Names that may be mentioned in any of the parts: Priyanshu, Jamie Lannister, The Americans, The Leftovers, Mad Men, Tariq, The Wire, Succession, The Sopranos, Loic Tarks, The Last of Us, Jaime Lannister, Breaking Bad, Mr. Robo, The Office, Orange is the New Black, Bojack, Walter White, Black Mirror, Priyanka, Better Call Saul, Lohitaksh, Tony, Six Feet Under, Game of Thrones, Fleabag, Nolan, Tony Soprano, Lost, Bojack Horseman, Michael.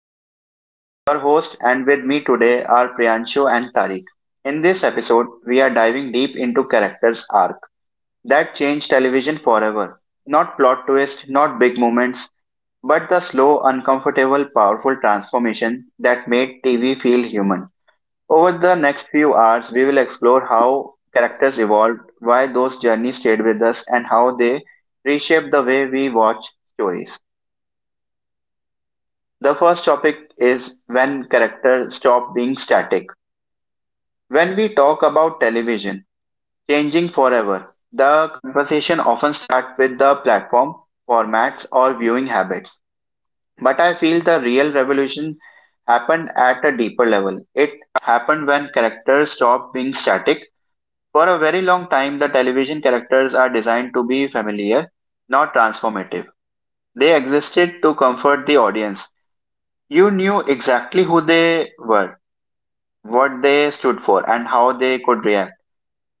Lohitaksh, your host, and with me today are Priyanshu and Tariq. In this episode, we are diving deep into characters' arc that changed television forever. Not plot twist, not big moments, but the slow, uncomfortable, powerful transformation that made TV feel human. Over the next few hours, we will explore how characters evolved, why those journeys stayed with us, and how they reshaped the way we watch stories. The first topic is when characters stop being static. When we talk about television changing forever, the conversation often starts with the platform, formats, or viewing habits. But I feel the real revolution happened at a deeper level. It happened when characters stopped being static. For a very long time, the television characters are designed to be familiar, not transformative. They existed to comfort the audience. You knew exactly who they were, what they stood for, and how they could react.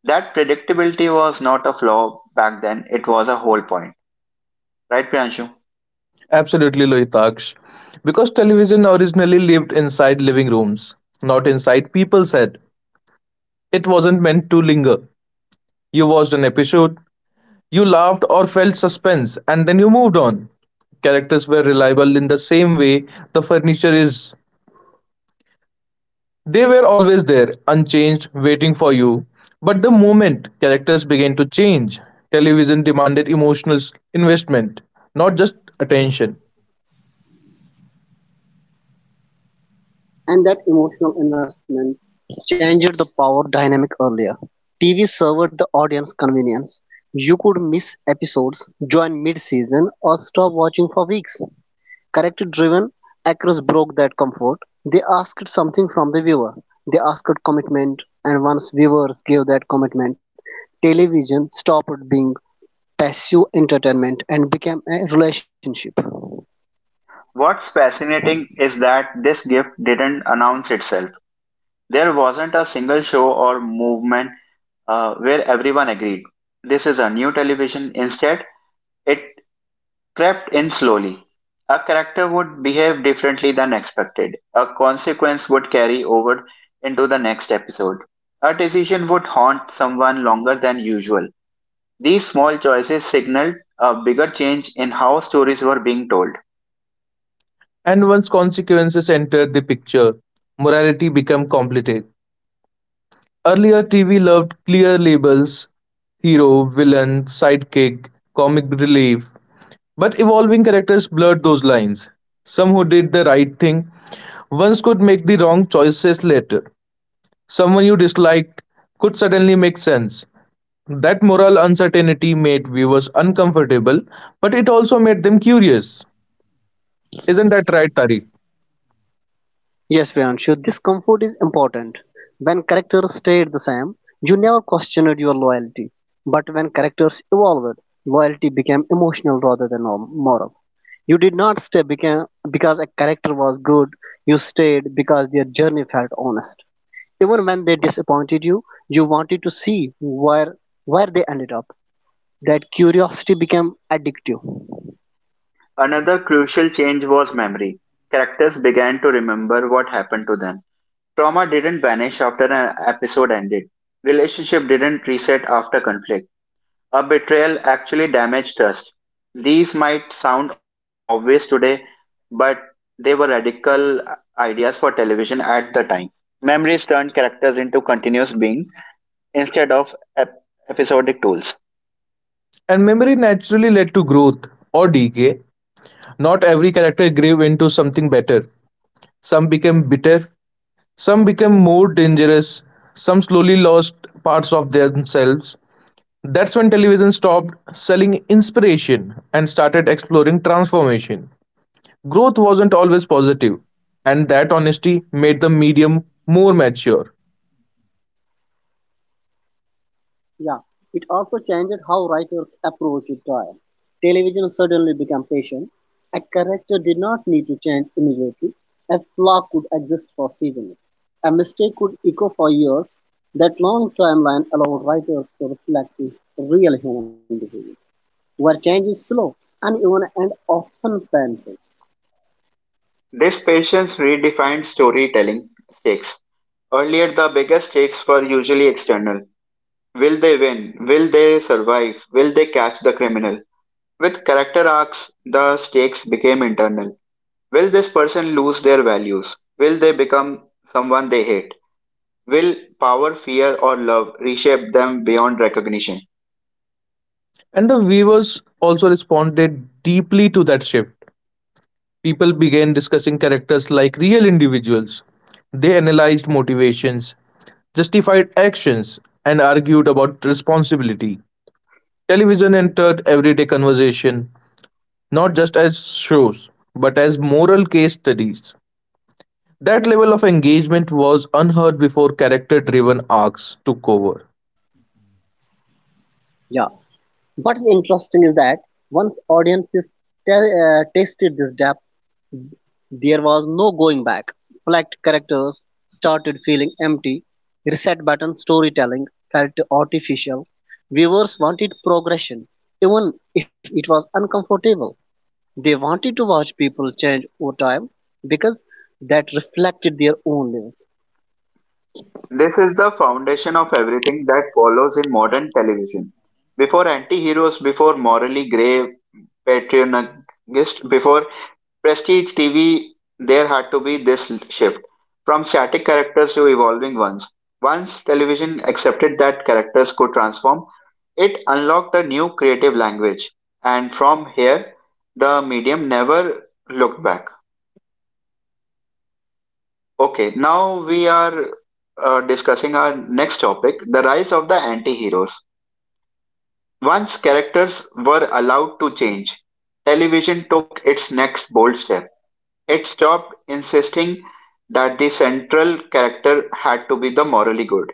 That predictability was not a flaw back then, it was a whole point. Right, Priyanshu? Absolutely, Lohitaksh. Because television originally lived inside living rooms, not inside people's head. It wasn't meant to linger. You watched an episode, you laughed or felt suspense, and then you moved on. Characters were reliable in the same way the furniture is. They were always there, unchanged, waiting for you. But the moment characters began to change, television demanded emotional investment, not just attention. And that emotional investment changed the power dynamic earlier. TV served the audience convenience. You could miss episodes, join mid season, or stop watching for weeks. Character driven actors broke that comfort. They asked something from the viewer. They asked commitment, and once viewers gave that commitment, television stopped being passive entertainment and became a relationship. What's fascinating is that this gift didn't announce itself. There wasn't a single show or movement where everyone agreed. This is a new television. Instead, it crept in slowly. A character would behave differently than expected. A consequence would carry over into the next episode. A decision would haunt someone longer than usual. These small choices signaled a bigger change in how stories were being told. And once consequences entered the picture, morality became complicated. Earlier, TV loved clear labels hero, villain, sidekick, comic relief. But evolving characters blurred those lines. Some who did the right thing once could make the wrong choices later. Someone you disliked could suddenly make sense. That moral uncertainty made viewers uncomfortable, but it also made them curious. Isn't that right, Tariq? Yes, Priyanshu, this comfort is important. When characters stayed the same, you never questioned your loyalty. But when characters evolved, loyalty became emotional rather than moral. You did not stay because a character was good, you stayed because their journey felt honest. Even when they disappointed you, you wanted to see where they ended up. That curiosity became addictive. Another crucial change was memory. Characters began to remember what happened to them. Trauma didn't vanish after an episode ended. Relationship didn't reset after conflict. A betrayal actually damaged trust. These might sound obvious today, but they were radical ideas for television at the time. Memories turned characters into continuous being instead of episodic tools. And memory naturally led to growth or decay. Not every character grew into something better. Some became bitter, some became more dangerous, some slowly lost parts of themselves. That's when television stopped selling inspiration and started exploring transformation. Growth wasn't always positive, and that honesty made the medium more mature. Yeah, it also changed how writers approached time. Television suddenly became patient. A character did not need to change immediately. A flaw could exist for seasons. A mistake could echo for years. That long timeline allowed writers to reflect the real human behavior, where change is slow, uneven, and often painful. This patience redefined storytelling stakes. Earlier, the biggest stakes were usually external. Will they win? Will they survive? Will they catch the criminal? With character arcs, the stakes became internal. Will this person lose their values? Will they become someone they hate? Will power, fear, or love reshape them beyond recognition? And the viewers also responded deeply to that shift. People began discussing characters like real individuals. They analyzed motivations, justified actions, and argued about responsibility. Television entered everyday conversation, not just as shows, but as moral case studies. That level of engagement was unheard before character driven arcs took over. Yeah. What is interesting is that once audiences tasted this depth, there was no going back. Flagged characters started feeling empty. Reset button storytelling felt artificial. Viewers wanted progression, even if it was uncomfortable. They wanted to watch people change over time because that reflected their own lives. This is the foundation of everything that follows in modern television. Before anti heroes, before morally grey patriotists, before Prestige TV, there had to be this shift from static characters to evolving ones. Once television accepted that characters could transform, it unlocked a new creative language. And from here, the medium never looked back. Okay, now we are discussing our next topic, the rise of the anti heroes. Once characters were allowed to change, television took its next bold step. It stopped insisting that the central character had to be the morally good.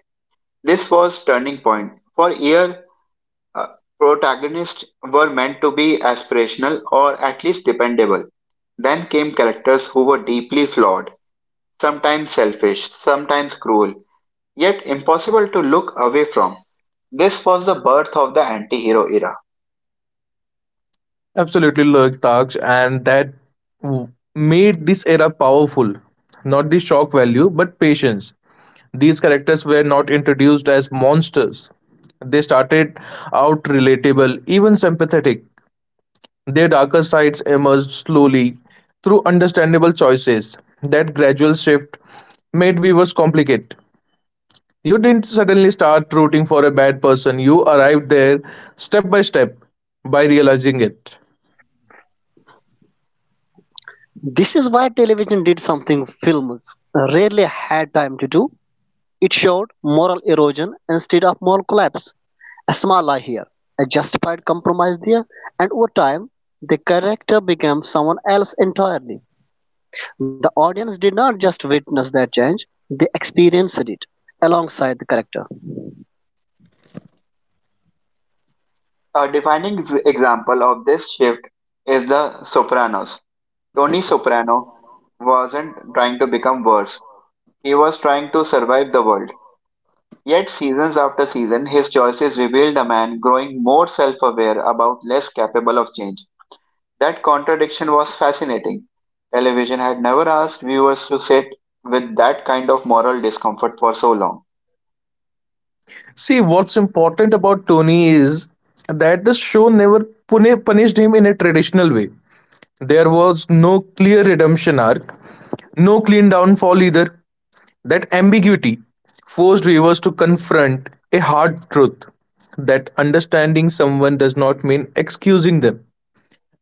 This was turning point. For years, uh, protagonists were meant to be aspirational or at least dependable. Then came characters who were deeply flawed, sometimes selfish, sometimes cruel, yet impossible to look away from. This was the birth of the anti hero era. Absolutely, Loic Tarks, and that made this era powerful. Not the shock value, but patience. These characters were not introduced as monsters. They started out relatable, even sympathetic. Their darker sides emerged slowly through understandable choices. That gradual shift made viewers complicate. You didn't suddenly start rooting for a bad person, you arrived there step by step by realizing it. This is why television did something films rarely had time to do. It showed moral erosion instead of moral collapse. A small lie here, a justified compromise there, and over time, the character became someone else entirely. The audience did not just witness that change, they experienced it alongside the character. A defining example of this shift is The Sopranos. Tony Soprano wasn't trying to become worse, he was trying to survive the world. Yet, seasons after season, his choices revealed a man growing more self aware about less capable of change. That contradiction was fascinating. Television had never asked viewers to sit with that kind of moral discomfort for so long. See, what's important about Tony is that the show never punished him in a traditional way. There was no clear redemption arc, no clean downfall either. That ambiguity forced viewers to confront a hard truth that understanding someone does not mean excusing them.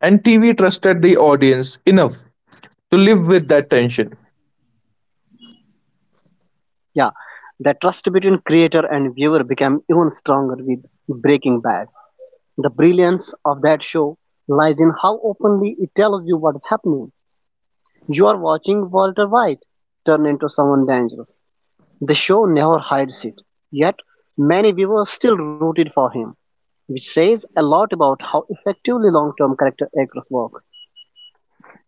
And TV trusted the audience enough to live with that tension. Yeah, the trust between creator and viewer became even stronger with Breaking Bad. The brilliance of that show lies in how openly it tells you what is happening. You are watching Walter White turn into someone dangerous. The show never hides it, yet many viewers still rooted for him, which says a lot about how effectively long-term character actors work.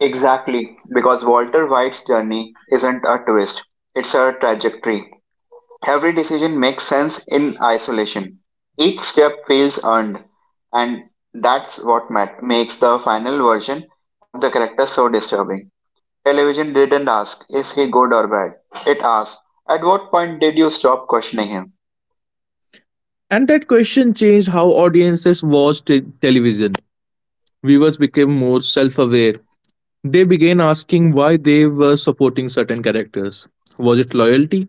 Exactly, because Walter White's journey isn't a twist, it's a trajectory. Every decision makes sense in isolation. Each step feels earned, and that's what makes the final version of the character so disturbing. Television didn't ask, is he good or bad? It asked, at what point did you stop questioning him? And that question changed how audiences watched television. Viewers became more self aware. They began asking why they were supporting certain characters. Was it loyalty,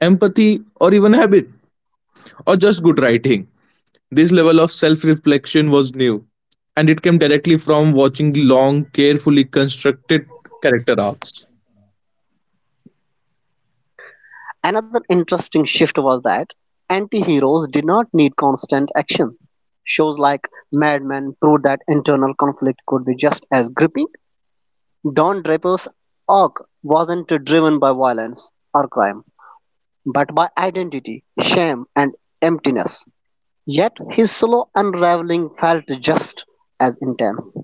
empathy, or even habit, or just good writing? This level of self reflection was new, and it came directly from watching long, carefully constructed character arcs. Another interesting shift was that anti-heroes did not need constant action. Shows like Mad Men proved that internal conflict could be just as gripping. Don Draper's arc wasn't driven by violence or crime, but by identity, shame, and emptiness. Yet his slow unraveling felt just as intense.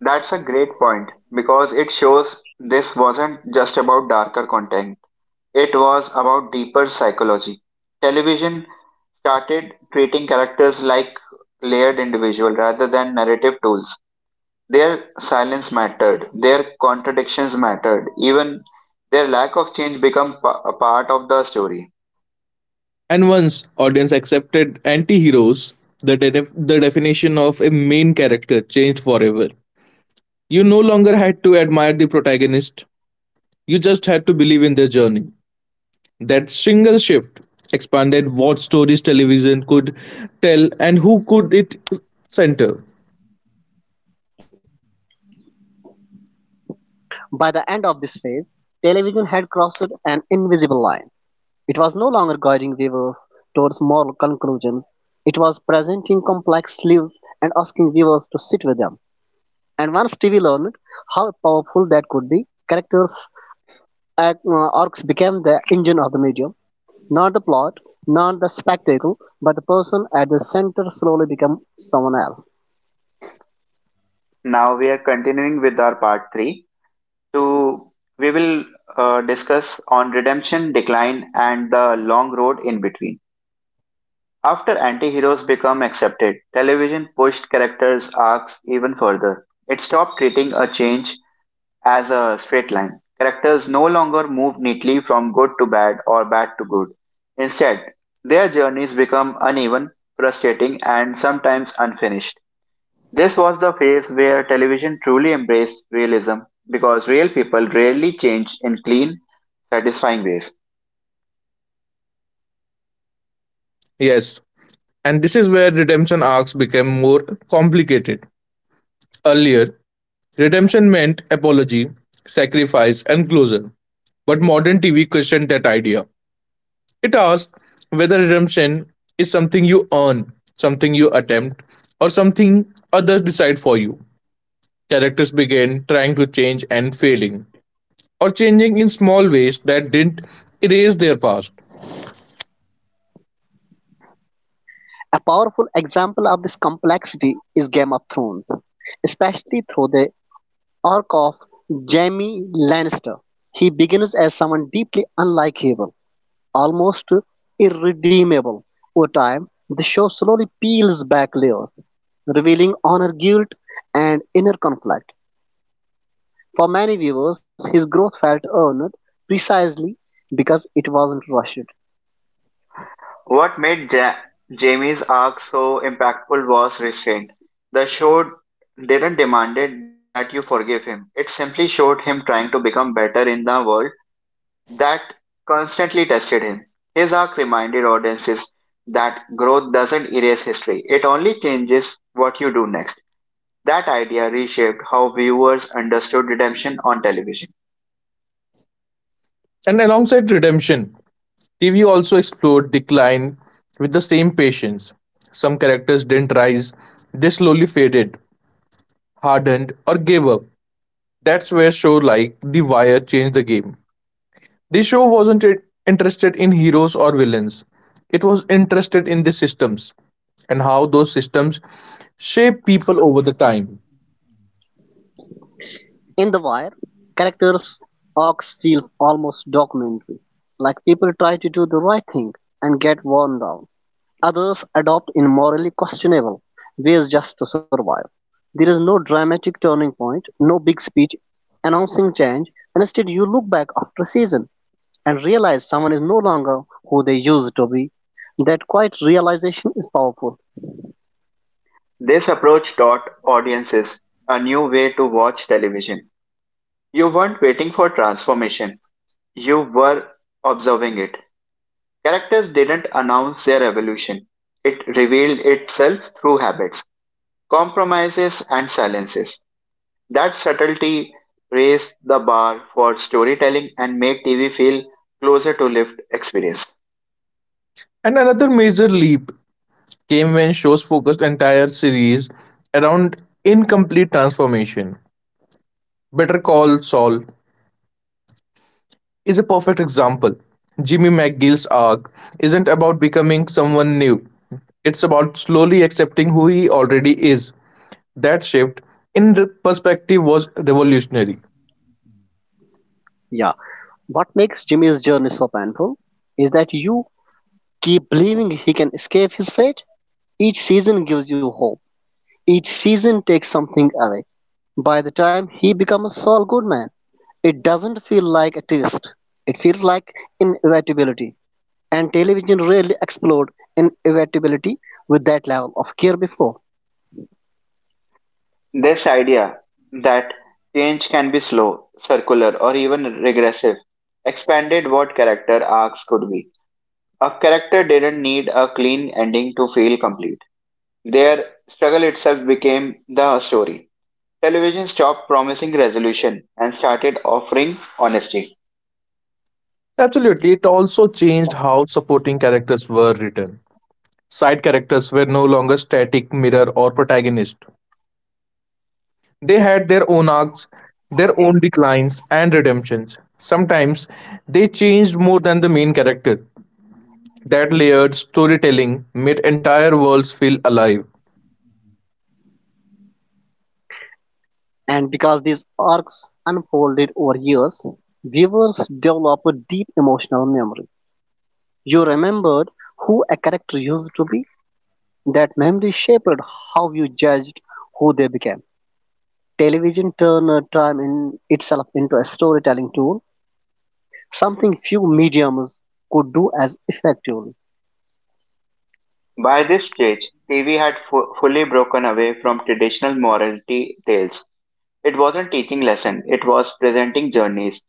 That's a great point because it shows this wasn't just about darker content, it was about deeper psychology. Television started treating characters like layered individuals rather than narrative tools. Their silence mattered, their contradictions mattered, even their lack of change become a part of the story. And once audience accepted anti heroes, the definition of a main character changed forever. You no longer had to admire the protagonist, you just had to believe in their journey. That single shift expanded what stories television could tell and who could it center. By the end of this phase, television had crossed an invisible line. It was no longer guiding viewers towards moral conclusions. It was presenting complex lives and asking viewers to sit with them. And once TV learned how powerful that could be, characters' arcs became the engine of the medium. Not the plot, not the spectacle, but the person at the center slowly becomes someone else. Now we are continuing with our part 3. To we will uh, discuss on redemption, decline, and the long road in between. After anti-heroes become accepted, television pushed characters arcs even further. It stopped treating a change as a straight line. Characters no longer move neatly from good to bad or bad to good. Instead, their journeys become uneven, frustrating, and sometimes unfinished. This was the phase where television truly embraced realism because real people rarely change in clean, satisfying ways. Yes, and this is where redemption arcs became more complicated. Earlier, redemption meant apology, sacrifice, and closure. But modern TV questioned that idea. It asked whether redemption is something you earn, something you attempt, or something others decide for you. Characters began trying to change and failing, or changing in small ways that didn't erase their past. A powerful example of this complexity is Game of Thrones, especially through the arc of Jaime Lannister. He begins as someone deeply unlike Havel, almost irredeemable. Over time, the show slowly peels back layers, revealing honor, guilt, and inner conflict. For many viewers, his growth felt earned precisely because it wasn't rushed. What made Jamie's arc so impactful was restraint. The show didn't demand that you forgive him, it simply showed him trying to become better in the world that constantly tested him. His arc reminded audiences that growth doesn't erase history, it only changes what you do next. That idea reshaped how viewers understood redemption on television. And alongside redemption, TV also explored decline with the same patience. Some characters didn't rise, they slowly faded, hardened, or gave up. That's where shows like The Wire changed the game. This show wasn't interested in heroes or villains, it was interested in the systems and how those systems shape people over the time. In The Wire, characters' arcs feel almost documentary, like people try to do the right thing and get worn down. Others adopt in morally questionable ways just to survive. There is no dramatic turning point, no big speech announcing change, and instead you look back after a season and realize someone is no longer who they used to be. That quiet realization is powerful. This approach taught audiences a new way to watch television. You weren't waiting for transformation, you were observing it. Characters didn't announce their evolution, it revealed itself through habits, compromises, and silences. That subtlety raised the bar for storytelling and made TV feel closer to lived experience. And another major leap came when shows focused entire series around incomplete transformation. Better Call Saul is a perfect example. Jimmy McGill's arc isn't about becoming someone new, it's about slowly accepting who he already is. That shift in perspective was revolutionary. Yeah. What makes Jimmy's journey so painful is that you keep believing he can escape his fate. Each season gives you hope. Each season takes something away. By the time he becomes a Saul Goodman, it doesn't feel like a twist. It feels like inevitability. And television rarely explored inevitability with that level of care before. This idea that change can be slow, circular, or even regressive expanded what character arcs could be. A character didn't need a clean ending to feel complete. Their struggle itself became the story. Television stopped promising resolution and started offering honesty. Absolutely, it also changed how supporting characters were written. Side characters were no longer static mirror or protagonist. They had their own arcs, their own declines and redemptions. Sometimes they changed more than the main character. That layered storytelling made entire worlds feel alive. And because these arcs unfolded over years, viewers develop a deep emotional memory. You remembered who a character used to be. That memory shaped how you judged who they became. Television turned time in itself into a storytelling tool, something few mediums could do as effectively. By this stage, TV had fully broken away from traditional morality tales. It wasn't teaching lesson, it was presenting journeys.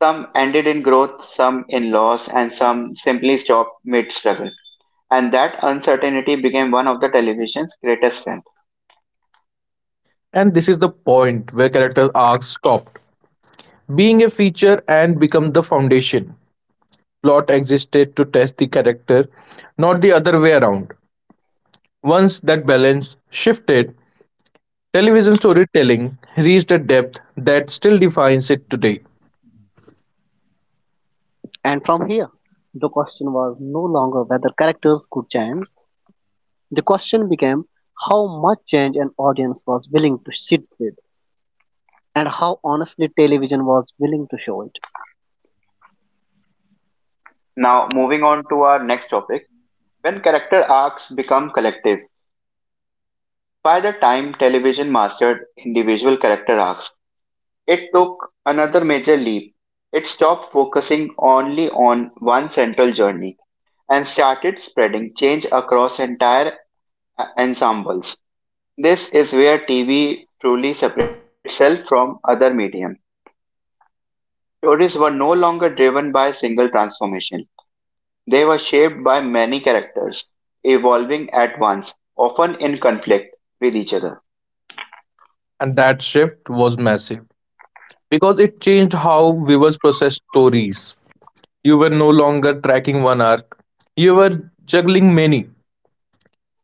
Some ended in growth, some in loss, and some simply stopped mid struggle. And that uncertainty became one of the television's greatest strengths. And this is the point where character arcs stopped being a feature and become the foundation. Plot existed to test the character, not the other way around. Once that balance shifted, television storytelling reached a depth that still defines it today. And from here, the question was no longer whether characters could change. The question became how much change an audience was willing to sit with and how honestly television was willing to show it. Now, moving on to our next topic, when character arcs become collective. By the time television mastered individual character arcs, it took another major leap. It stopped focusing only on one central journey and started spreading change across entire ensembles. This is where TV truly separated itself from other medium. Stories were no longer driven by a single transformation. They were shaped by many characters, evolving at once, often in conflict with each other. And that shift was massive, because it changed how viewers processed stories. You were no longer tracking one arc, you were juggling many.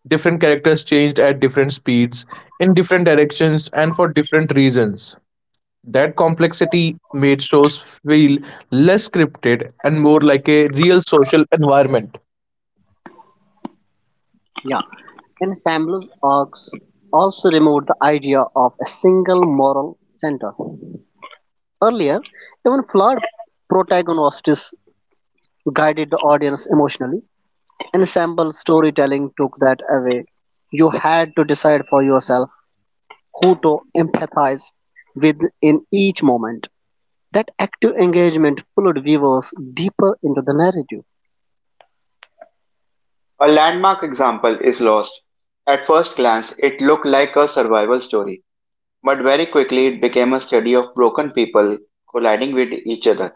Different characters changed at different speeds, in different directions, and for different reasons. That complexity made shows feel less scripted and more like a real social environment. Yeah, ensembles arcs also removed the idea of a single moral center. Earlier, even flawed protagonists guided the audience emotionally. Ensemble storytelling took that away. You had to decide for yourself who to empathize with in each moment. That active engagement pulled viewers deeper into the narrative. A landmark example is Lost. At first glance, it looked like a survival story, but very quickly it became a study of broken people colliding with each other.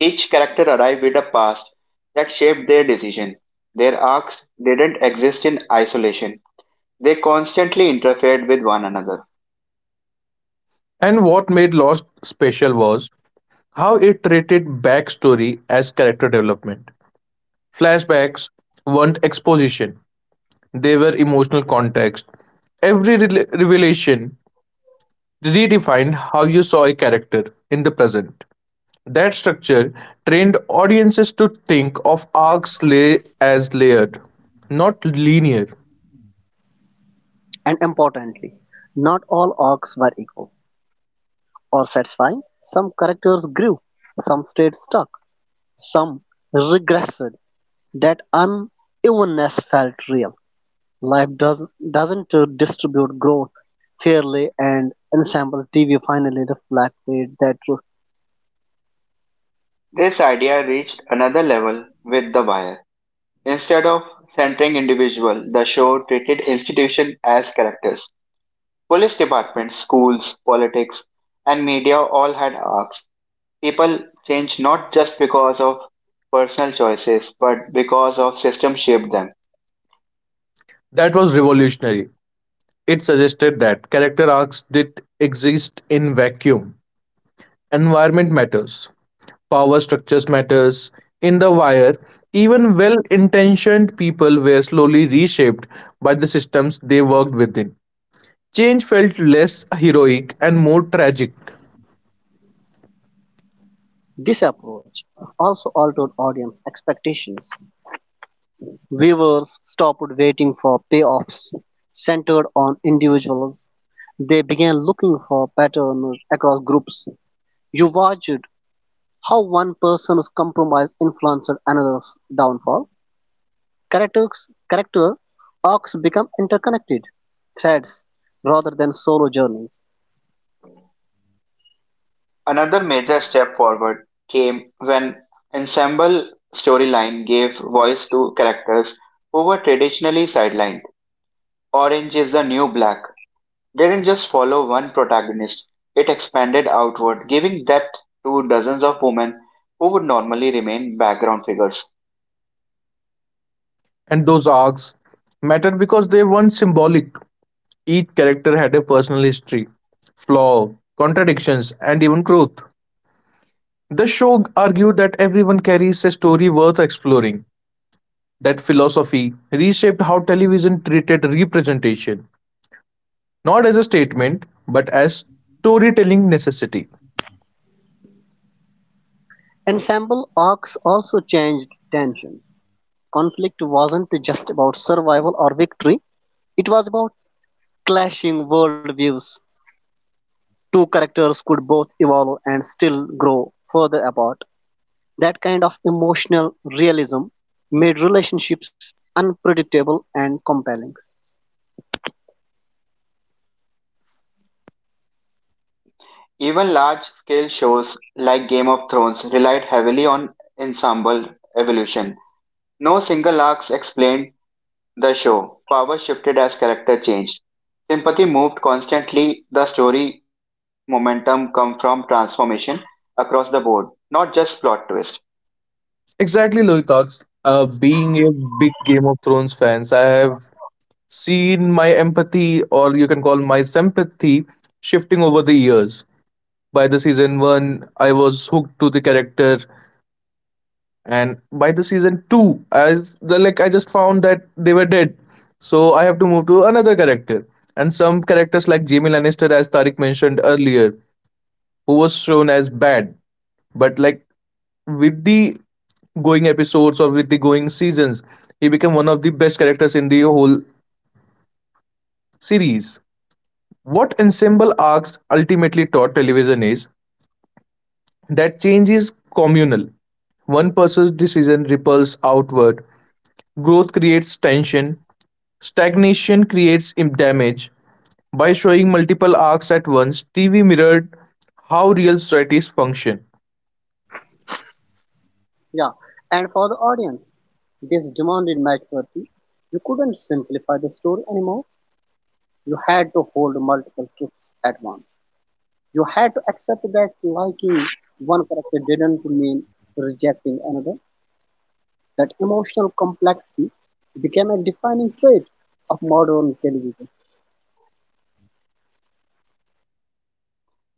Each character arrived with a past that shaped their decision. Their arcs didn't exist in isolation. They constantly interfered with one another. And what made Lost special was how it treated backstory as character development. Flashbacks weren't exposition, they were emotional context. Every revelation redefined how you saw a character in the present. That structure trained audiences to think of arcs lay as layered, not linear. And importantly, not all arcs were equal or satisfying. Some characters grew, some stayed stuck, some regressed. That unevenness felt real. Life does, doesn't distribute growth fairly, and ensemble TV finally reflected that truth. This idea reached another level with The Wire. Instead of centering individual, the show treated institution as characters. Police departments, schools, politics, and media all had arcs. People change not just because of personal choices, but because of systems shaped them. That was revolutionary. It suggested that character arcs did exist in vacuum. Environment matters, power structures matters. In the wire, even well-intentioned people were slowly reshaped by the systems they worked within. Change felt less heroic and more tragic. This approach also altered audience expectations. Viewers stopped waiting for payoffs centered on individuals. They began looking for patterns across groups. You watched how one person's compromise influences another's downfall. Character arcs become interconnected threads rather than solo journeys. Another major step forward came when ensemble storyline gave voice to characters who were traditionally sidelined. Orange is the New Black didn't just follow one protagonist, it expanded outward, giving depth to dozens of women who would normally remain background figures. And those arcs mattered because they weren't symbolic. Each character had a personal history, flaw, contradictions, and even growth. The show argued that everyone carries a story worth exploring. That philosophy reshaped how television treated representation, not as a statement but as storytelling necessity. Ensemble arcs also changed tension. Conflict wasn't just about survival or victory, it was about clashing worldviews. Two characters could both evolve and still grow further apart. That kind of emotional realism made relationships unpredictable and compelling. Evolution. No single arcs explained the show. Power shifted as character changed. Sympathy moved constantly. The story momentum come from transformation across the board, not just plot twist. Exactly, Loitak, being a big Game of Thrones fans, I have seen my empathy, or you can call my sympathy, shifting over the years. By the season 1, I was hooked to the character, and by the season 2, as the like I just found that they were dead, so I have to move to another character. And some characters like Jamie Lannister, as Tariq mentioned earlier, who was shown as bad, but like with the going episodes or with the going seasons, he became one of the best characters in the whole series. What ensemble arcs ultimately taught television is that change is communal. One person's decision ripples outward. Growth creates tension. Stagnation creates damage. By showing multiple arcs at once, TV mirrored how real societies function. Yeah, and for the audience, this demanded maturity. You couldn't simplify the story anymore. You had to hold multiple truths at once. You had to accept that liking one character didn't mean rejecting another. That emotional complexity became a defining trait of modern television.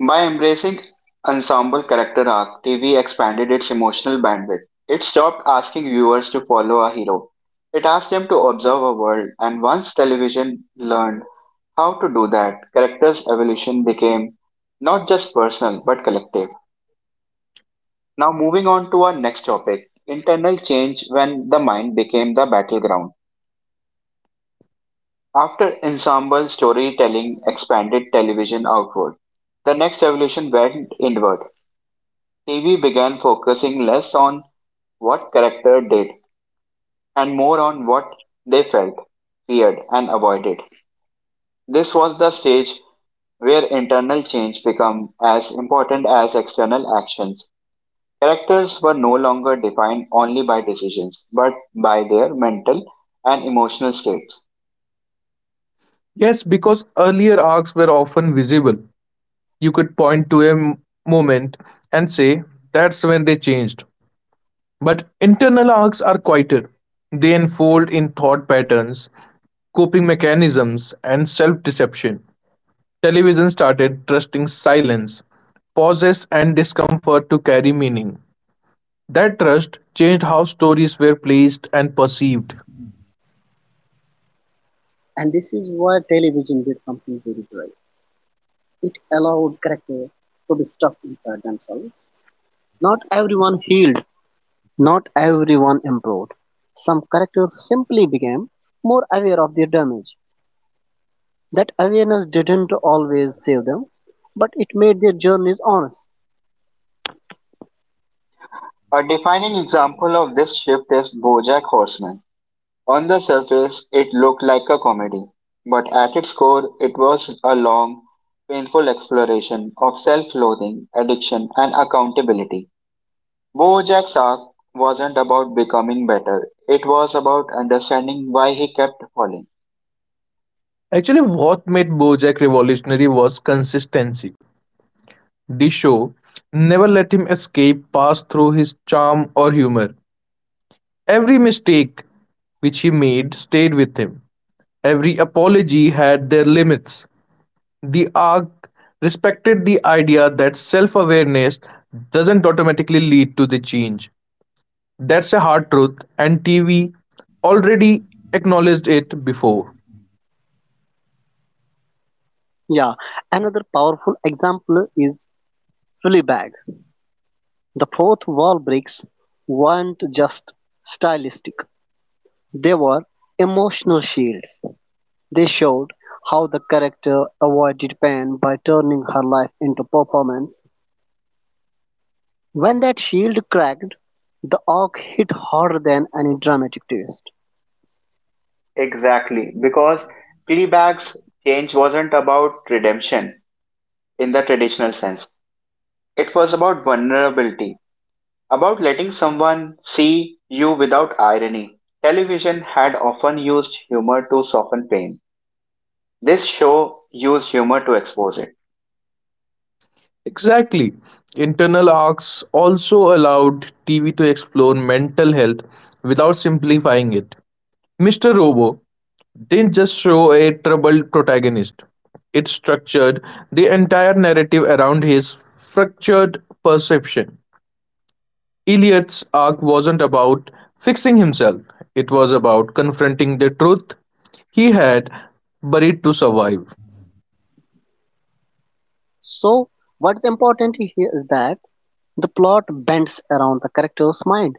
By embracing ensemble character arc, TV expanded its emotional bandwidth. It stopped asking viewers to follow a hero. It asked them to observe a world, and once television learned how to do that, characters' evolution became not just personal but collective. Now, moving on to our next topic, internal change when the mind became the battleground. After ensemble storytelling expanded television outward, the next evolution went inward. TV began focusing less on what character did and more on what they felt, feared, and avoided. This was the stage where internal change became as important as external actions. Characters were no longer defined only by decisions, but by their mental and emotional states. Yes, because earlier arcs were often visible. You could point to a moment and say, that's when they changed. But internal arcs are quieter. They unfold in thought patterns, coping mechanisms, and self deception. Television started trusting silence, pauses, and discomfort to carry meaning. That trust changed how stories were placed and perceived. And this is why television did something very brave. It allowed characters to be stuck inside themselves. Not everyone healed. Not everyone improved. Some characters simply became more aware of their damage. That awareness didn't always save them, but it made their journeys honest. A defining example of this shift is Bojack Horseman. On the surface, it looked like a comedy, but at its core, it was a long, painful exploration of self loathing, addiction, and accountability. Bojack's arc wasn't about becoming better, it was about understanding why he kept falling. Actually, what made Bojack revolutionary was consistency. The show never let him escape, pass through his charm or humor. Every mistake which he made stayed with him. Every apology had their limits. The arc respected the idea that self awareness doesn't automatically lead to the change. That's a hard truth, and TV already acknowledged it before. Yeah, another powerful example is Fleabag. The fourth wall breaks weren't just stylistic, they were emotional shields. They showed how the character avoided pain by turning her life into performance. When that shield cracked, the arc hit harder than any dramatic twist. Exactly, because Fleabag's change wasn't about redemption in the traditional sense. It was about vulnerability, about letting someone see you without irony. Television had often used humor to soften pain. This show used humor to expose it. Exactly. Internal arcs also allowed TV to explore mental health without simplifying it. Mr. Robo didn't just show a troubled protagonist, it structured the entire narrative around his fractured perception. Elliot's arc wasn't about fixing himself, it was about confronting the truth he had buried to survive. So, what's important here is that the plot bends around the character's mind.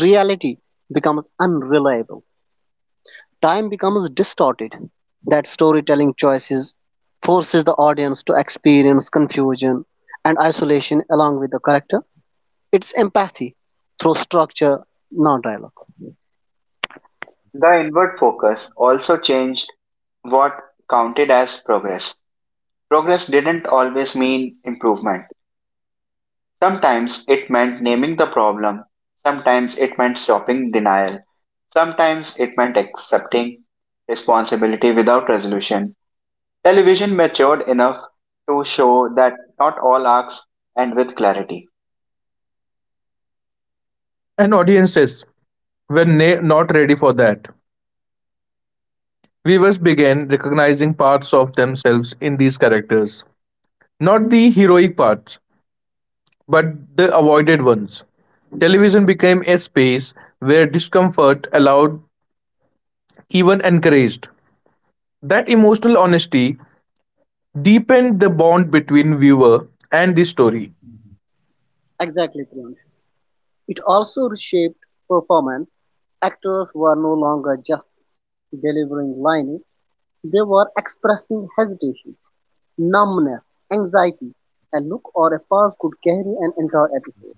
Reality becomes unreliable. Time becomes distorted. That storytelling choices forces the audience to experience confusion and isolation along with the character. It's empathy through structure, not dialogue. The inward focus also changed what counted as progress. Progress didn't always mean improvement. Sometimes it meant naming the problem, sometimes it meant stopping denial, sometimes it meant accepting responsibility without resolution. Television matured enough to show that not all arcs end with clarity. And audiences were not ready for that. Viewers began recognizing parts of themselves in these characters. Not the heroic parts, but the avoided ones. Television became a space where discomfort allowed, even encouraged. That emotional honesty deepened the bond between viewer and the story. Exactly, Priyanka. It also reshaped performance. Actors were no longer just delivering lines, they were expressing hesitation, numbness, anxiety. A look or a pause could carry an entire episode.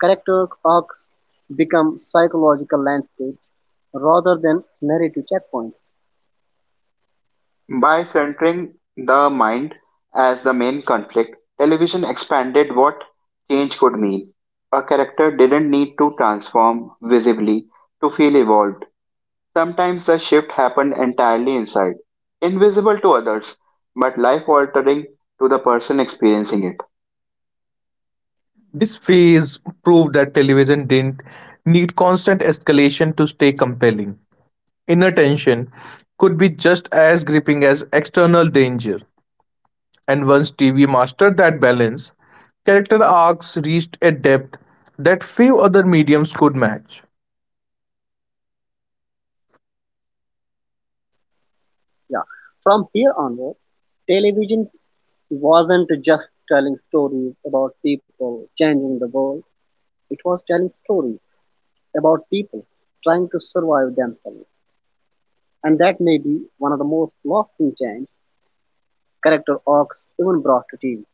Character arcs become psychological landscapes rather than narrative checkpoints. By centering the mind as the main conflict, television expanded what change could mean. A character didn't need to transform visibly to feel evolved. Sometimes the shift happened entirely inside, invisible to others, but life altering to the person experiencing it. This phase proved that television didn't need constant escalation to stay compelling. Inner tension could be just as gripping as external danger. And once TV mastered that balance, character arcs reached a depth that few other mediums could match. Yeah. From here onward, television wasn't just telling stories about people changing the world, it was telling stories about people trying to survive themselves, and that may be one of the most lasting change character arcs even brought to TV.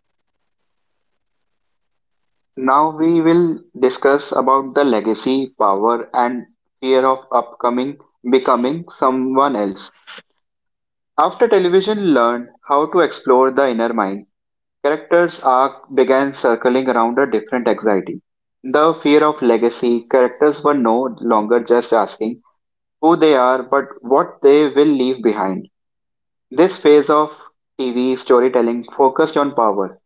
Now we will discuss about the legacy, power, and fear of upcoming becoming someone else. After television learned how to explore the inner mind, characters' arc began circling around a different anxiety. The fear of legacy, characters were no longer just asking who they are but what they will leave behind. This phase of TV storytelling focused on power,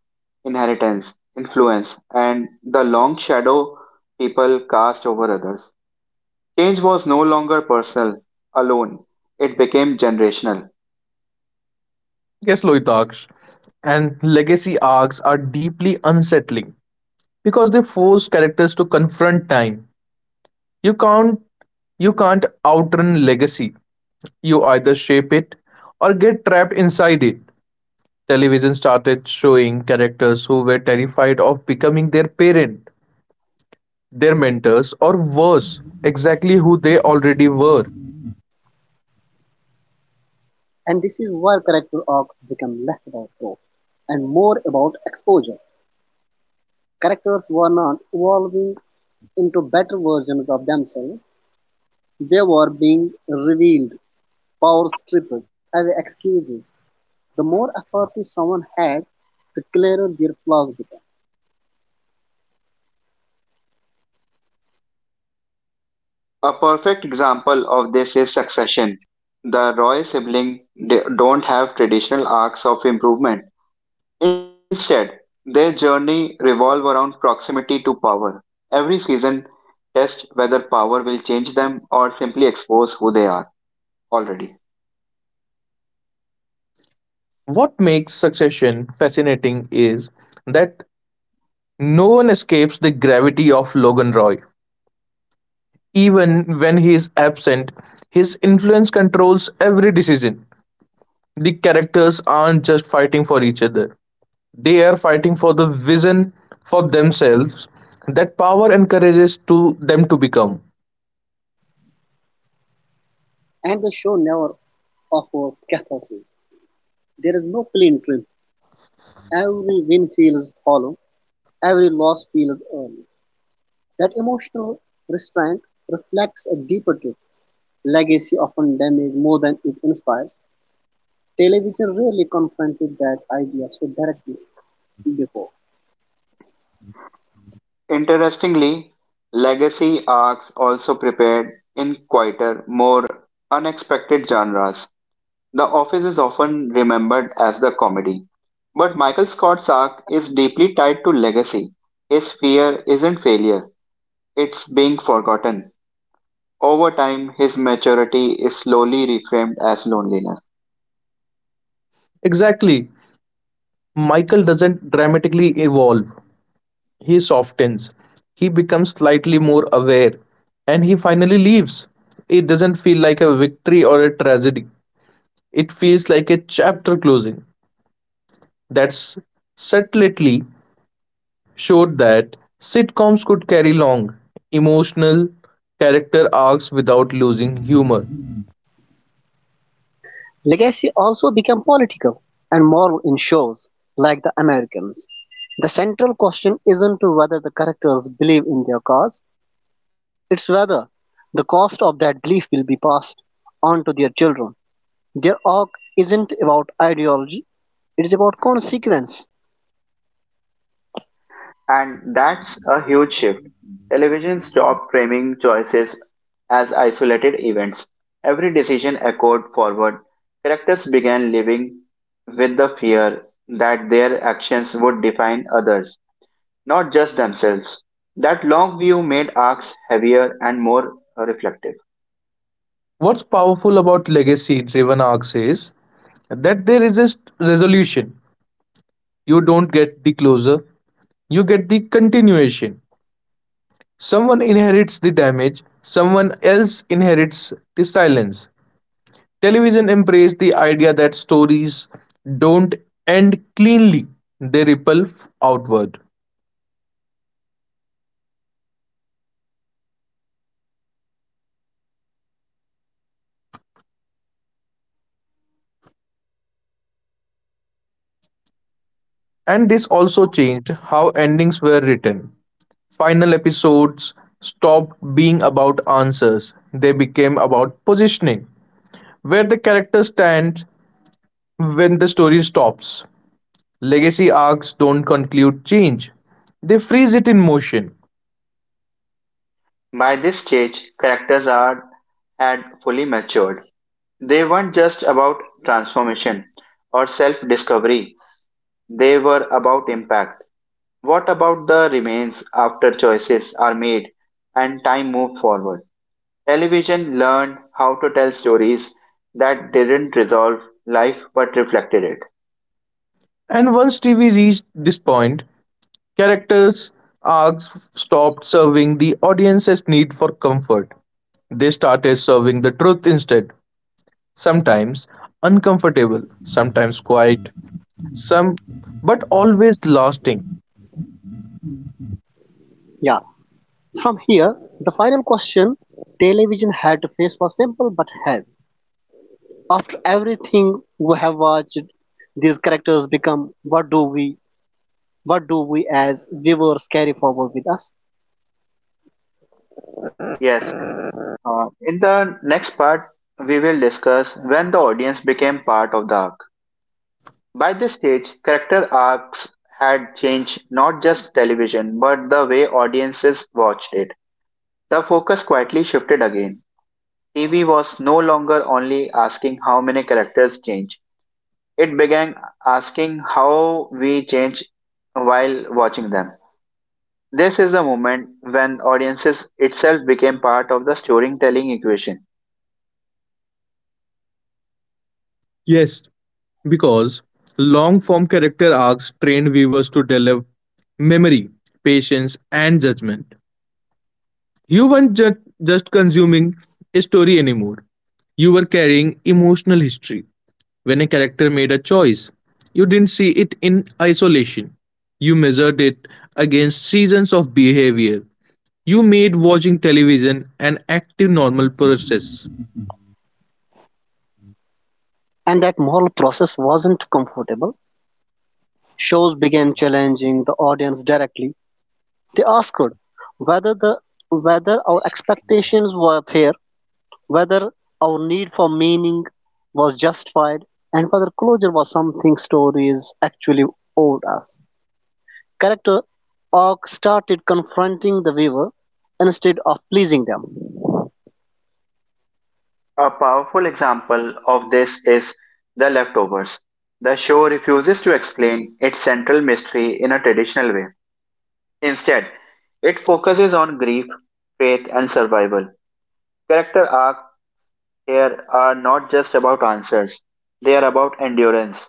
inheritance, influence, and the long shadow people cast over others. Change was no longer personal, alone, it became generational. Yes, Loitaksh, and legacy arcs are deeply unsettling because they force characters to confront time. You can't you can't outrun legacy. You either shape it or get trapped inside it. Television started showing characters who were terrified of becoming their parent, their mentors, or worse, exactly who they already were. And this is why character arcs become less about growth and more about exposure. Characters were not evolving into better versions of themselves, they were being revealed, power stripped as excuses. The more authority someone had, the clearer their flaws became. A perfect example of this is Succession. The Roy siblings don't have traditional arcs of improvement. Instead, their journey revolve around proximity to power. Every season tests whether power will change them or simply expose who they are already. What makes succession fascinating is that no one escapes the gravity of Logan Roy. Even when he is absent, his influence controls every decision. The characters aren't just fighting for each other, they are fighting for the vision for themselves that power encourages to them to become. And the show never offers catharsis. There is no clean triumph. Every win feels hollow, every loss feels earned. That emotional restraint reflects a deeper truth. Legacy often damages more than it inspires. Television rarely confronted that idea so directly before. Interestingly, legacy arcs also prepared in quieter, more unexpected genres. The Office is often remembered as the comedy, but Michael Scott's arc is deeply tied to legacy. His fear isn't failure, it's being forgotten. Over time, his maturity is slowly reframed as loneliness. Exactly. Michael doesn't dramatically evolve. He softens, he becomes slightly more aware, and he finally leaves. It doesn't feel like a victory or a tragedy, it feels like a chapter closing. That's subtly showed that sitcoms could carry long, emotional character arcs without losing humor. Legacy also became political and moral in shows like The Americans. The central question isn't whether the characters believe in their cause, it's whether the cost of that belief will be passed on to their children. Their arc isn't about ideology, it's about consequence. And that's a huge shift. Television stopped framing choices as isolated events. Every decision echoed forward. Characters began living with the fear that their actions would define others, not just themselves. That long view made arcs heavier and more reflective. What's powerful about legacy driven arcs is that there is a resolution. You don't get the closure, you get the continuation. Someone inherits the damage, someone else inherits the silence. Television embraced the idea that stories don't end cleanly, they ripple outward. And this also changed how endings were written. Final episodes stopped being about answers, they became about positioning, where the character stands when the story stops. Legacy arcs don't conclude change, they freeze it in motion. By this stage, characters are had fully matured. They weren't just about transformation or self discovery, they were about impact. What about the remains after choices are made and time moved forward? Television learned how to tell stories that didn't resolve life but reflected it. And once TV reached this point, characters' arcs stopped serving the audience's need for comfort. They started serving the truth instead, sometimes uncomfortable, sometimes quiet, some but always lasting. Yeah, from here, the final question television had to face was simple but heavy. After everything we have watched, characters become what do we as viewers carry forward with us? Yes, in the next part, we will discuss when the audience became part of the arc. By this stage, character arcs had changed not just television but the way audiences watched it. The focus quietly shifted again. TV was no longer only asking how many characters change. It began asking how we change while watching them. This is a moment when audiences itself became part of the storytelling equation. Yes, because long form character arcs train viewers to develop memory, patience, and judgment. You weren't just consuming a story anymore, you were carrying emotional history. When a character made a choice, you didn't see it in isolation, you measured it against seasons of behavior. You made watching television an active normal process. And that moral process wasn't comfortable. Shows began challenging the audience directly. They asked whether the whether our expectations were fair, whether our need for meaning was justified, and whether closure was something stories actually owed us. Character arc started confronting the viewer instead of pleasing them. A powerful example of this is The Leftovers. The show refuses to explain its central mystery in a traditional way. Instead, it focuses on grief, faith, and survival. Character arcs here are not just about answers, they are about endurance.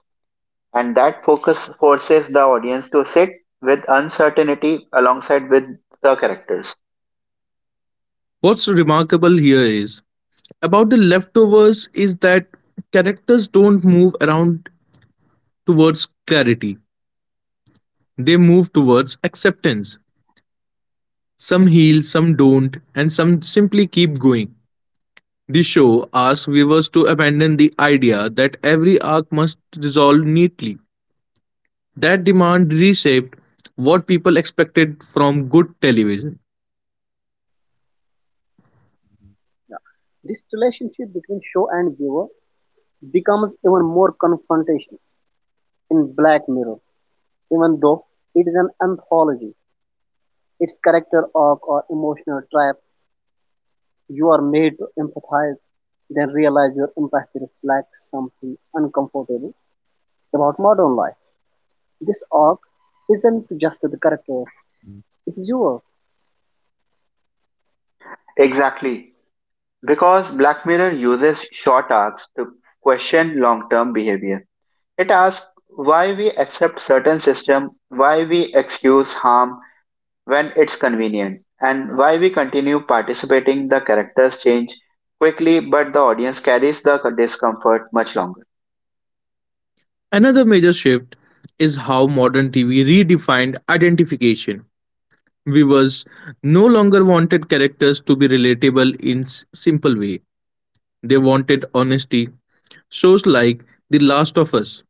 And that focus forces the audience to sit with uncertainty alongside with the characters. What's remarkable here is about the leftovers is that characters don't move around towards clarity. They move towards acceptance. Some heal, some don't, and some simply keep going. The show asks viewers to abandon the idea that every arc must resolve neatly. That demand reshaped what people expected from good television. Yeah. This relationship between show and viewer becomes even more confrontational in Black Mirror, even though it is an anthology. Its character arc or emotional you are made to empathize, then realize your empathy reflects something uncomfortable about modern life. This arc isn't just the characters, it's yours, Exactly. Because Black Mirror uses short arcs to question long term behavior. It asks why we accept certain system, why we excuse harm when it's convenient, and why we continue participating the characters change quickly but the audience carries the discomfort much longer. Another major shift is how modern TV redefined identification. Viewers no longer wanted characters to be relatable in simple way. They wanted honesty. Shows like The Last of Us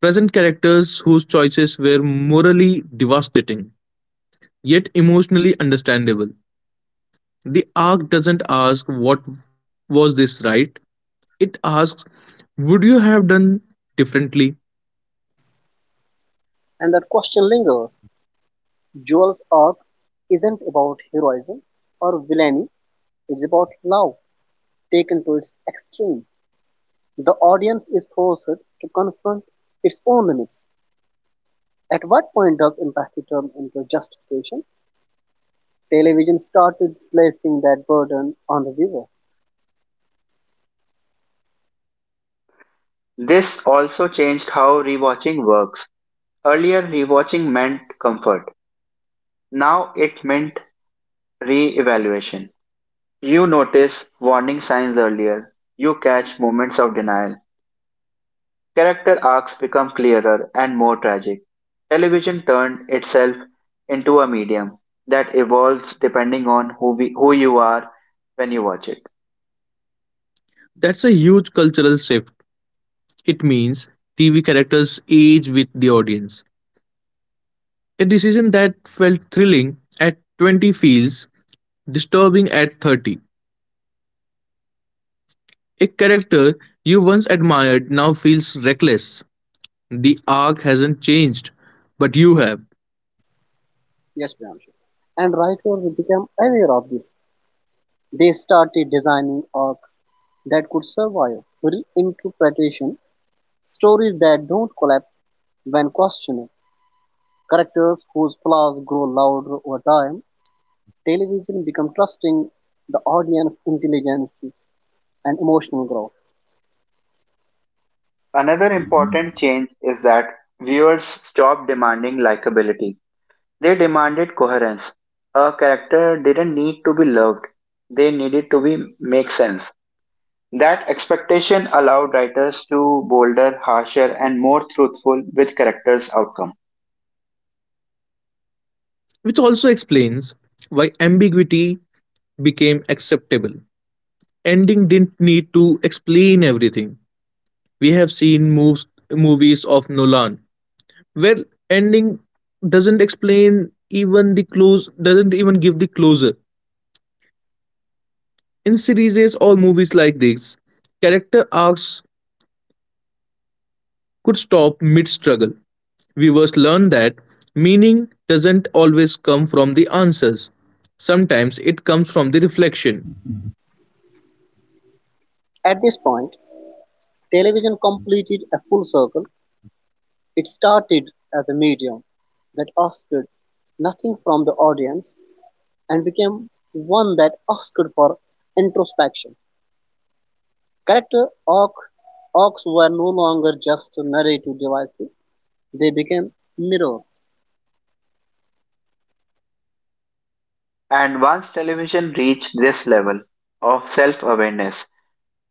present characters whose choices were morally devastating yet emotionally understandable. The arc doesn't ask what was this right, it asks would you have done differently? and that question lingers. Joel's arc isn't about heroism or villainy, it's about love taken to its extreme. The audience is forced to confront its own limits. At what point does empathy turn into justification? Television started placing that burden on the viewer. This also changed how rewatching works. Earlier, rewatching meant comfort. Now it meant re evaluation. You notice warning signs earlier. You catch moments of denial. Character arcs become clearer and more tragic. Television turned itself into a medium that evolves depending on who you are when you watch it. That's a huge cultural shift. It means TV characters age with the audience. A decision that felt thrilling at 20 feels disturbing at 30. A character you once admired now feels reckless. The arc hasn't changed, but you have, Yes, Priyanshu. And writers became aware of this. They started designing arcs that could survive reinterpretation, stories that don't collapse when questioned, characters whose flaws grow louder over time. Television became trusting the audience intelligence and emotional growth. Another important change is that viewers stop demanding likability. They demanded coherence. A character didn't need to be loved, they needed to be make sense. That expectation allowed writers to bolder, harsher, and more truthful with characters' outcome. which also explains why ambiguity became acceptable. Ending didn't need to explain everything. We have seen movies of Nolan where ending doesn't explain even the close, doesn't even give the closure. In series or movies like this, character arcs could stop mid struggle. Viewers learn that meaning doesn't always come from the answers, sometimes it comes from the reflection. At this point, television completed a full circle. It started as a medium that asked nothing from the audience and became one that asked for introspection. Character arc, arcs were no longer just narrative devices, they became mirrors. And once television reached this level of self awareness,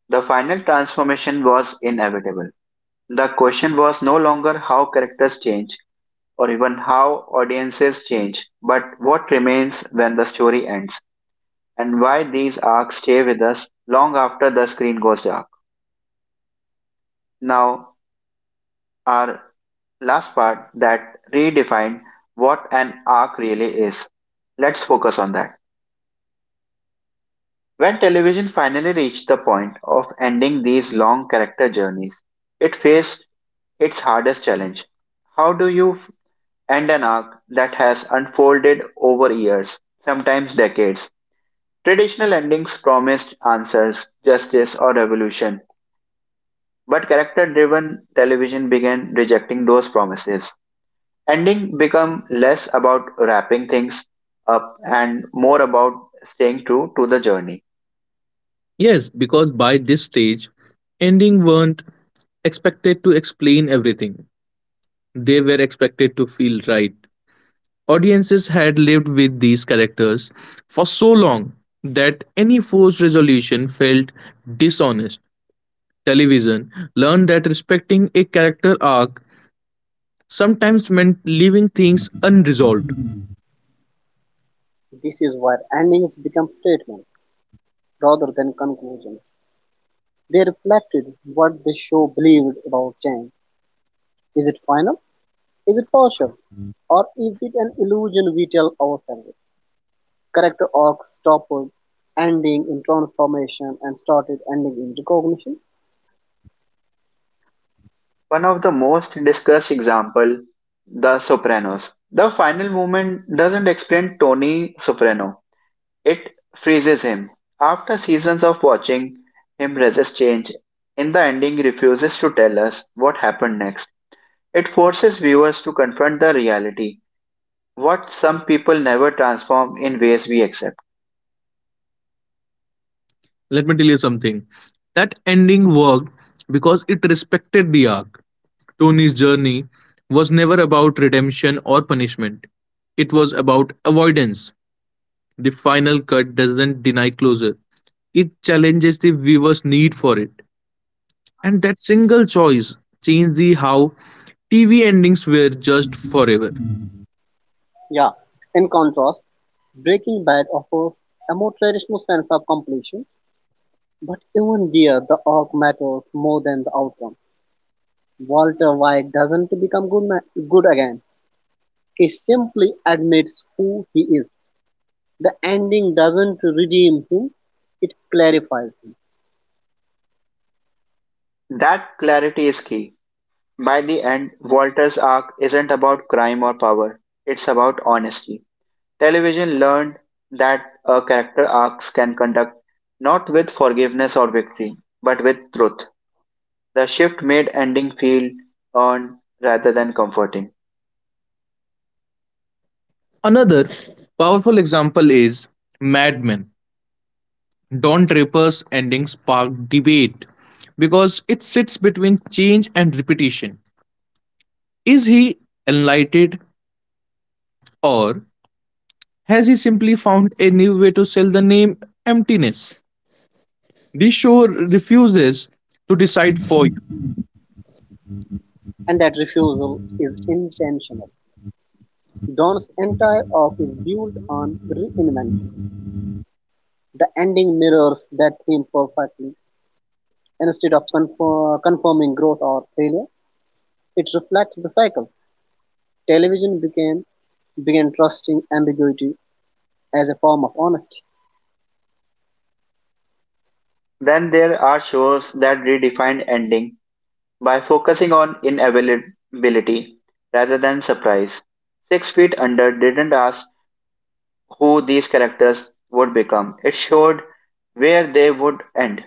the final transformation was inevitable. The question was no longer how characters change or even how audiences change, but what remains when the story ends, and why these arcs stay with us long after the screen goes dark. Now, our last part that redefined what an arc really is. Let's focus on that. When television finally reached the point of ending these long character journeys, it faced its hardest challenge. How do you end an arc that has unfolded over years, sometimes decades? Traditional endings promised answers, justice, or revolution. But character-driven television began rejecting those promises. Ending become less about wrapping things up and more about staying true to the journey. Yes, because by this stage, ending weren't expected to explain everything, they were expected to feel right. Audiences had lived with these characters for so long that any forced resolution felt dishonest. Television learned that respecting a character arc sometimes meant leaving things unresolved. This is why endings become statements rather than conclusions. They reflected what the show believed about change. Is it final? Is it partial? Or is it an illusion we tell ourselves? Character arcs stopped ending in transformation and started ending in recognition. One of the most discussed example, The Sopranos. The final movement doesn't explain Tony Soprano. It freezes him. After seasons of watching him resist change, in the ending refuses to tell us what happened next. It forces viewers to confront the reality what some people never transform in ways we accept. Let me tell you something. That ending worked because it respected the arc. Tony's journey was never about redemption or punishment, it was about avoidance. The final cut doesn't deny closure, it challenges the viewer's need for it. And that single choice changed the how TV endings were judged forever. Yeah. In contrast, Breaking Bad offers a more traditional sense of completion, but even there, the arc matters more than the outcome. Walter White doesn't become good again. He simply admits who he is. The ending doesn't redeem him, it clarifies him. That clarity is key. By the end, Walter's arc isn't about crime or power, it's about honesty. Television learned that a character arcs can conduct not with forgiveness or victory, but with truth. The shift made ending feel earned rather than comforting. Another powerful example is Mad Men. Don Draper's ending sparked debate because it sits between change and repetition. Is he enlightened or has he simply found a new way to sell the name emptiness? The show refuses to decide for you. And that refusal is intentional. Don's entire arc is built on reinvention. The ending mirrors that theme perfectly instead of confirming growth or failure. It reflects the cycle: television began trusting ambiguity as a form of honesty. Then there are shows that redefine ending by focusing on inevitability rather than surprise. Six Feet Under didn't ask who these characters would become, it showed where they would end.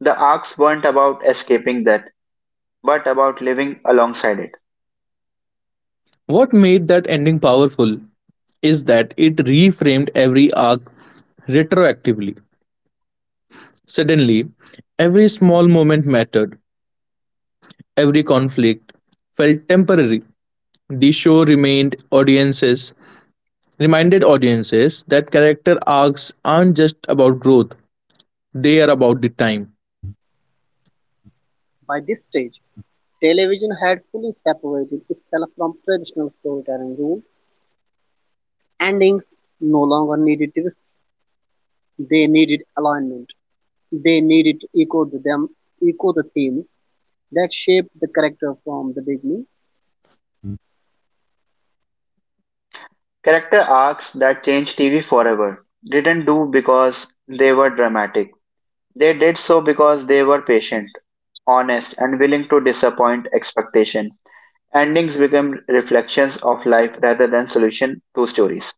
The arcs weren't about escaping death, but about living alongside it. What made that ending powerful is that it reframed every arc retroactively. Suddenly, every small moment mattered, every conflict felt temporary. The show remained audiences reminded audiences that character arcs aren't just about growth, they are about the time. By this stage, television had fully separated itself from traditional storytelling rules. Endings no longer needed twists, they needed alignment. They needed to echo the themes that shaped the character from the beginning. Character arcs that changed TV forever didn't do because they were dramatic. They did so because they were patient, honest, and willing to disappoint expectation. Endings become reflections of life rather than solution to stories.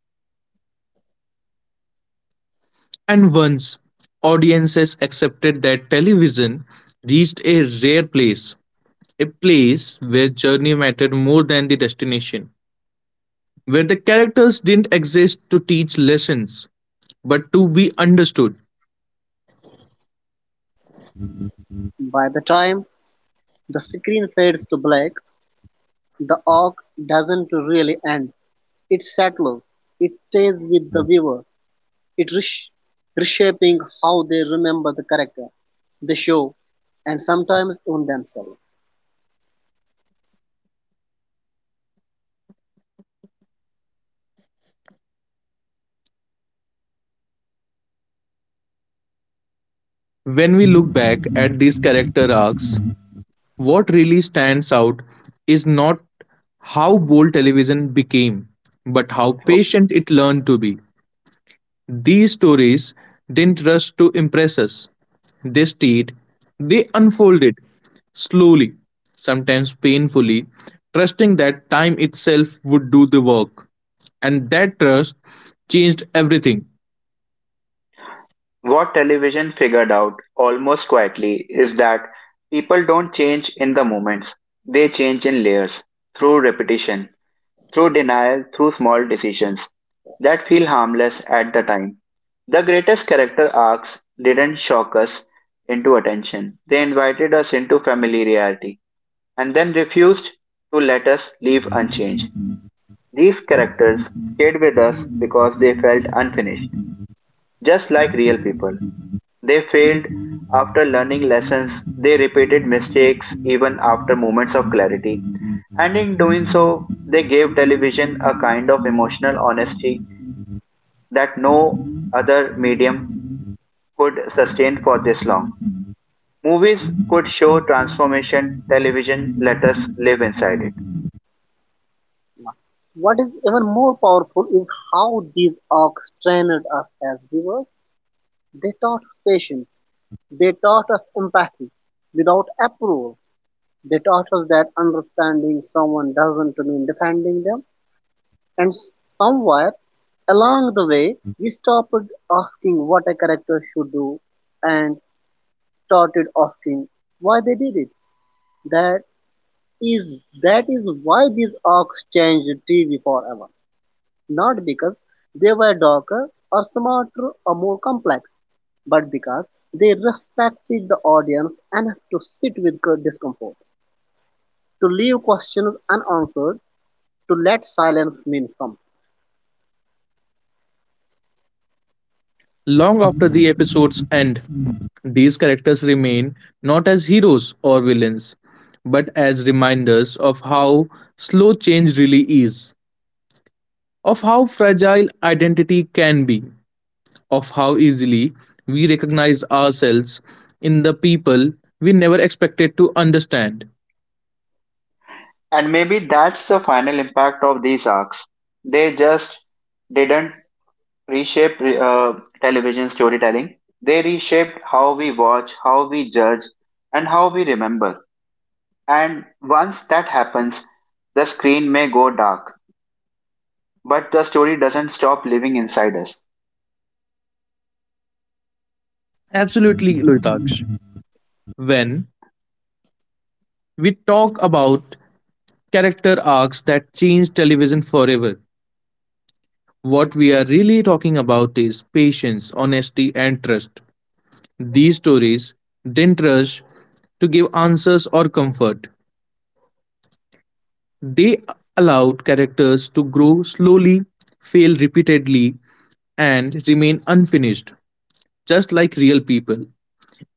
And once audiences accepted that television reached a rare place, a place where journey mattered more than the destination, where the characters didn't exist to teach lessons, but to be understood. By the time the screen fades to black, the arc doesn't really end. It settles. It stays with the viewer. It reshaping how they remember the character, the show, and sometimes even themselves. When we look back at these character arcs, what really stands out is not how bold television became, but how Okay. patient it learned to be. These stories didn't rush to impress us, they stayed, they unfolded slowly, sometimes painfully, trusting that time itself would do the work. And that trust changed everything What television figured out almost quietly is that people don't change in the moments. They change in layers, through repetition, through denial, through small decisions that feel harmless at the time. The greatest character arcs didn't shock us into attention. They invited us into familiarity and then refused to let us leave unchanged. These characters stayed with us because they felt unfinished, just like real people. They failed after learning lessons, they repeated mistakes even after moments of clarity, and in doing so, they gave television a kind of emotional honesty that no other medium could sustain for this long. Movies could show transformation, television let us live inside it. What is even more powerful is how these arcs trained us as viewers. They taught us patience. They taught us empathy without approval. They taught us that understanding someone doesn't mean defending them. And somewhere along the way, we stopped asking what a character should do and started asking why they did it. That that is why these orcs changed TV forever? Not because they were darker or smarter or more complex, but because they respected the audience enough to sit with good discomfort, to leave questions unanswered, to let silence mean something. long after the episode's end. These characters remain not as heroes or villains, but as reminders of how slow change really is, of how fragile identity can be, of how easily we recognize ourselves in the people we never expected to understand. And maybe that's the final impact of these arcs. They just didn't reshaped television storytelling. They reshaped how we watch, how we judge, and how we remember. And once that happens, the screen may go dark, but the story doesn't stop living inside us. Absolutely, Loitaksh. When we talk about character arcs that change television forever, what we are really talking about is patience, honesty, and trust. These stories didn't rush to give answers or comfort. They allowed characters to grow slowly, fail repeatedly, and remain unfinished, just like real people.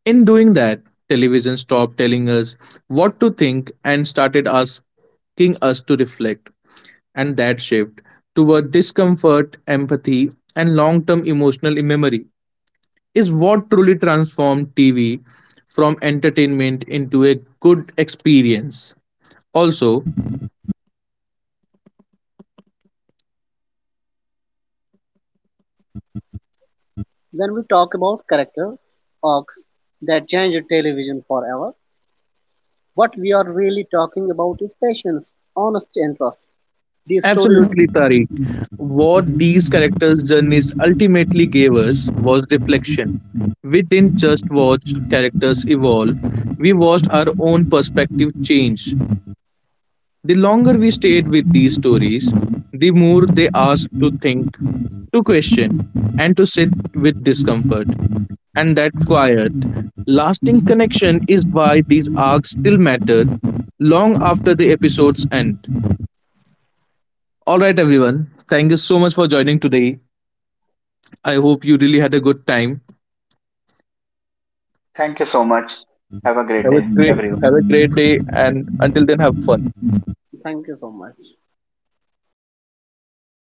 In doing that, television stopped telling us what to think and started asking us to reflect. And that shift toward discomfort, empathy, and long term emotional memory is what truly transformed TV from entertainment into a good experience. Also, When we talk about character arcs that changed television forever, what we are really talking about is patience, honesty, and trust. These stories. absolutely, Tariq, what these characters' journeys ultimately gave us was reflection. We didn't just watch characters evolve, we watched our own perspective change. The longer we stayed with these stories, the more they asked to think, to question, and to sit with discomfort. And that quiet, lasting connection is why these arcs still matter long after the episodes end. All right, everyone. Thank you so much for joining today. I hope you really had a good time. Thank you so much. Have a great Have a day, great, everyone. have a great day, and until then, have fun. Thank you so much.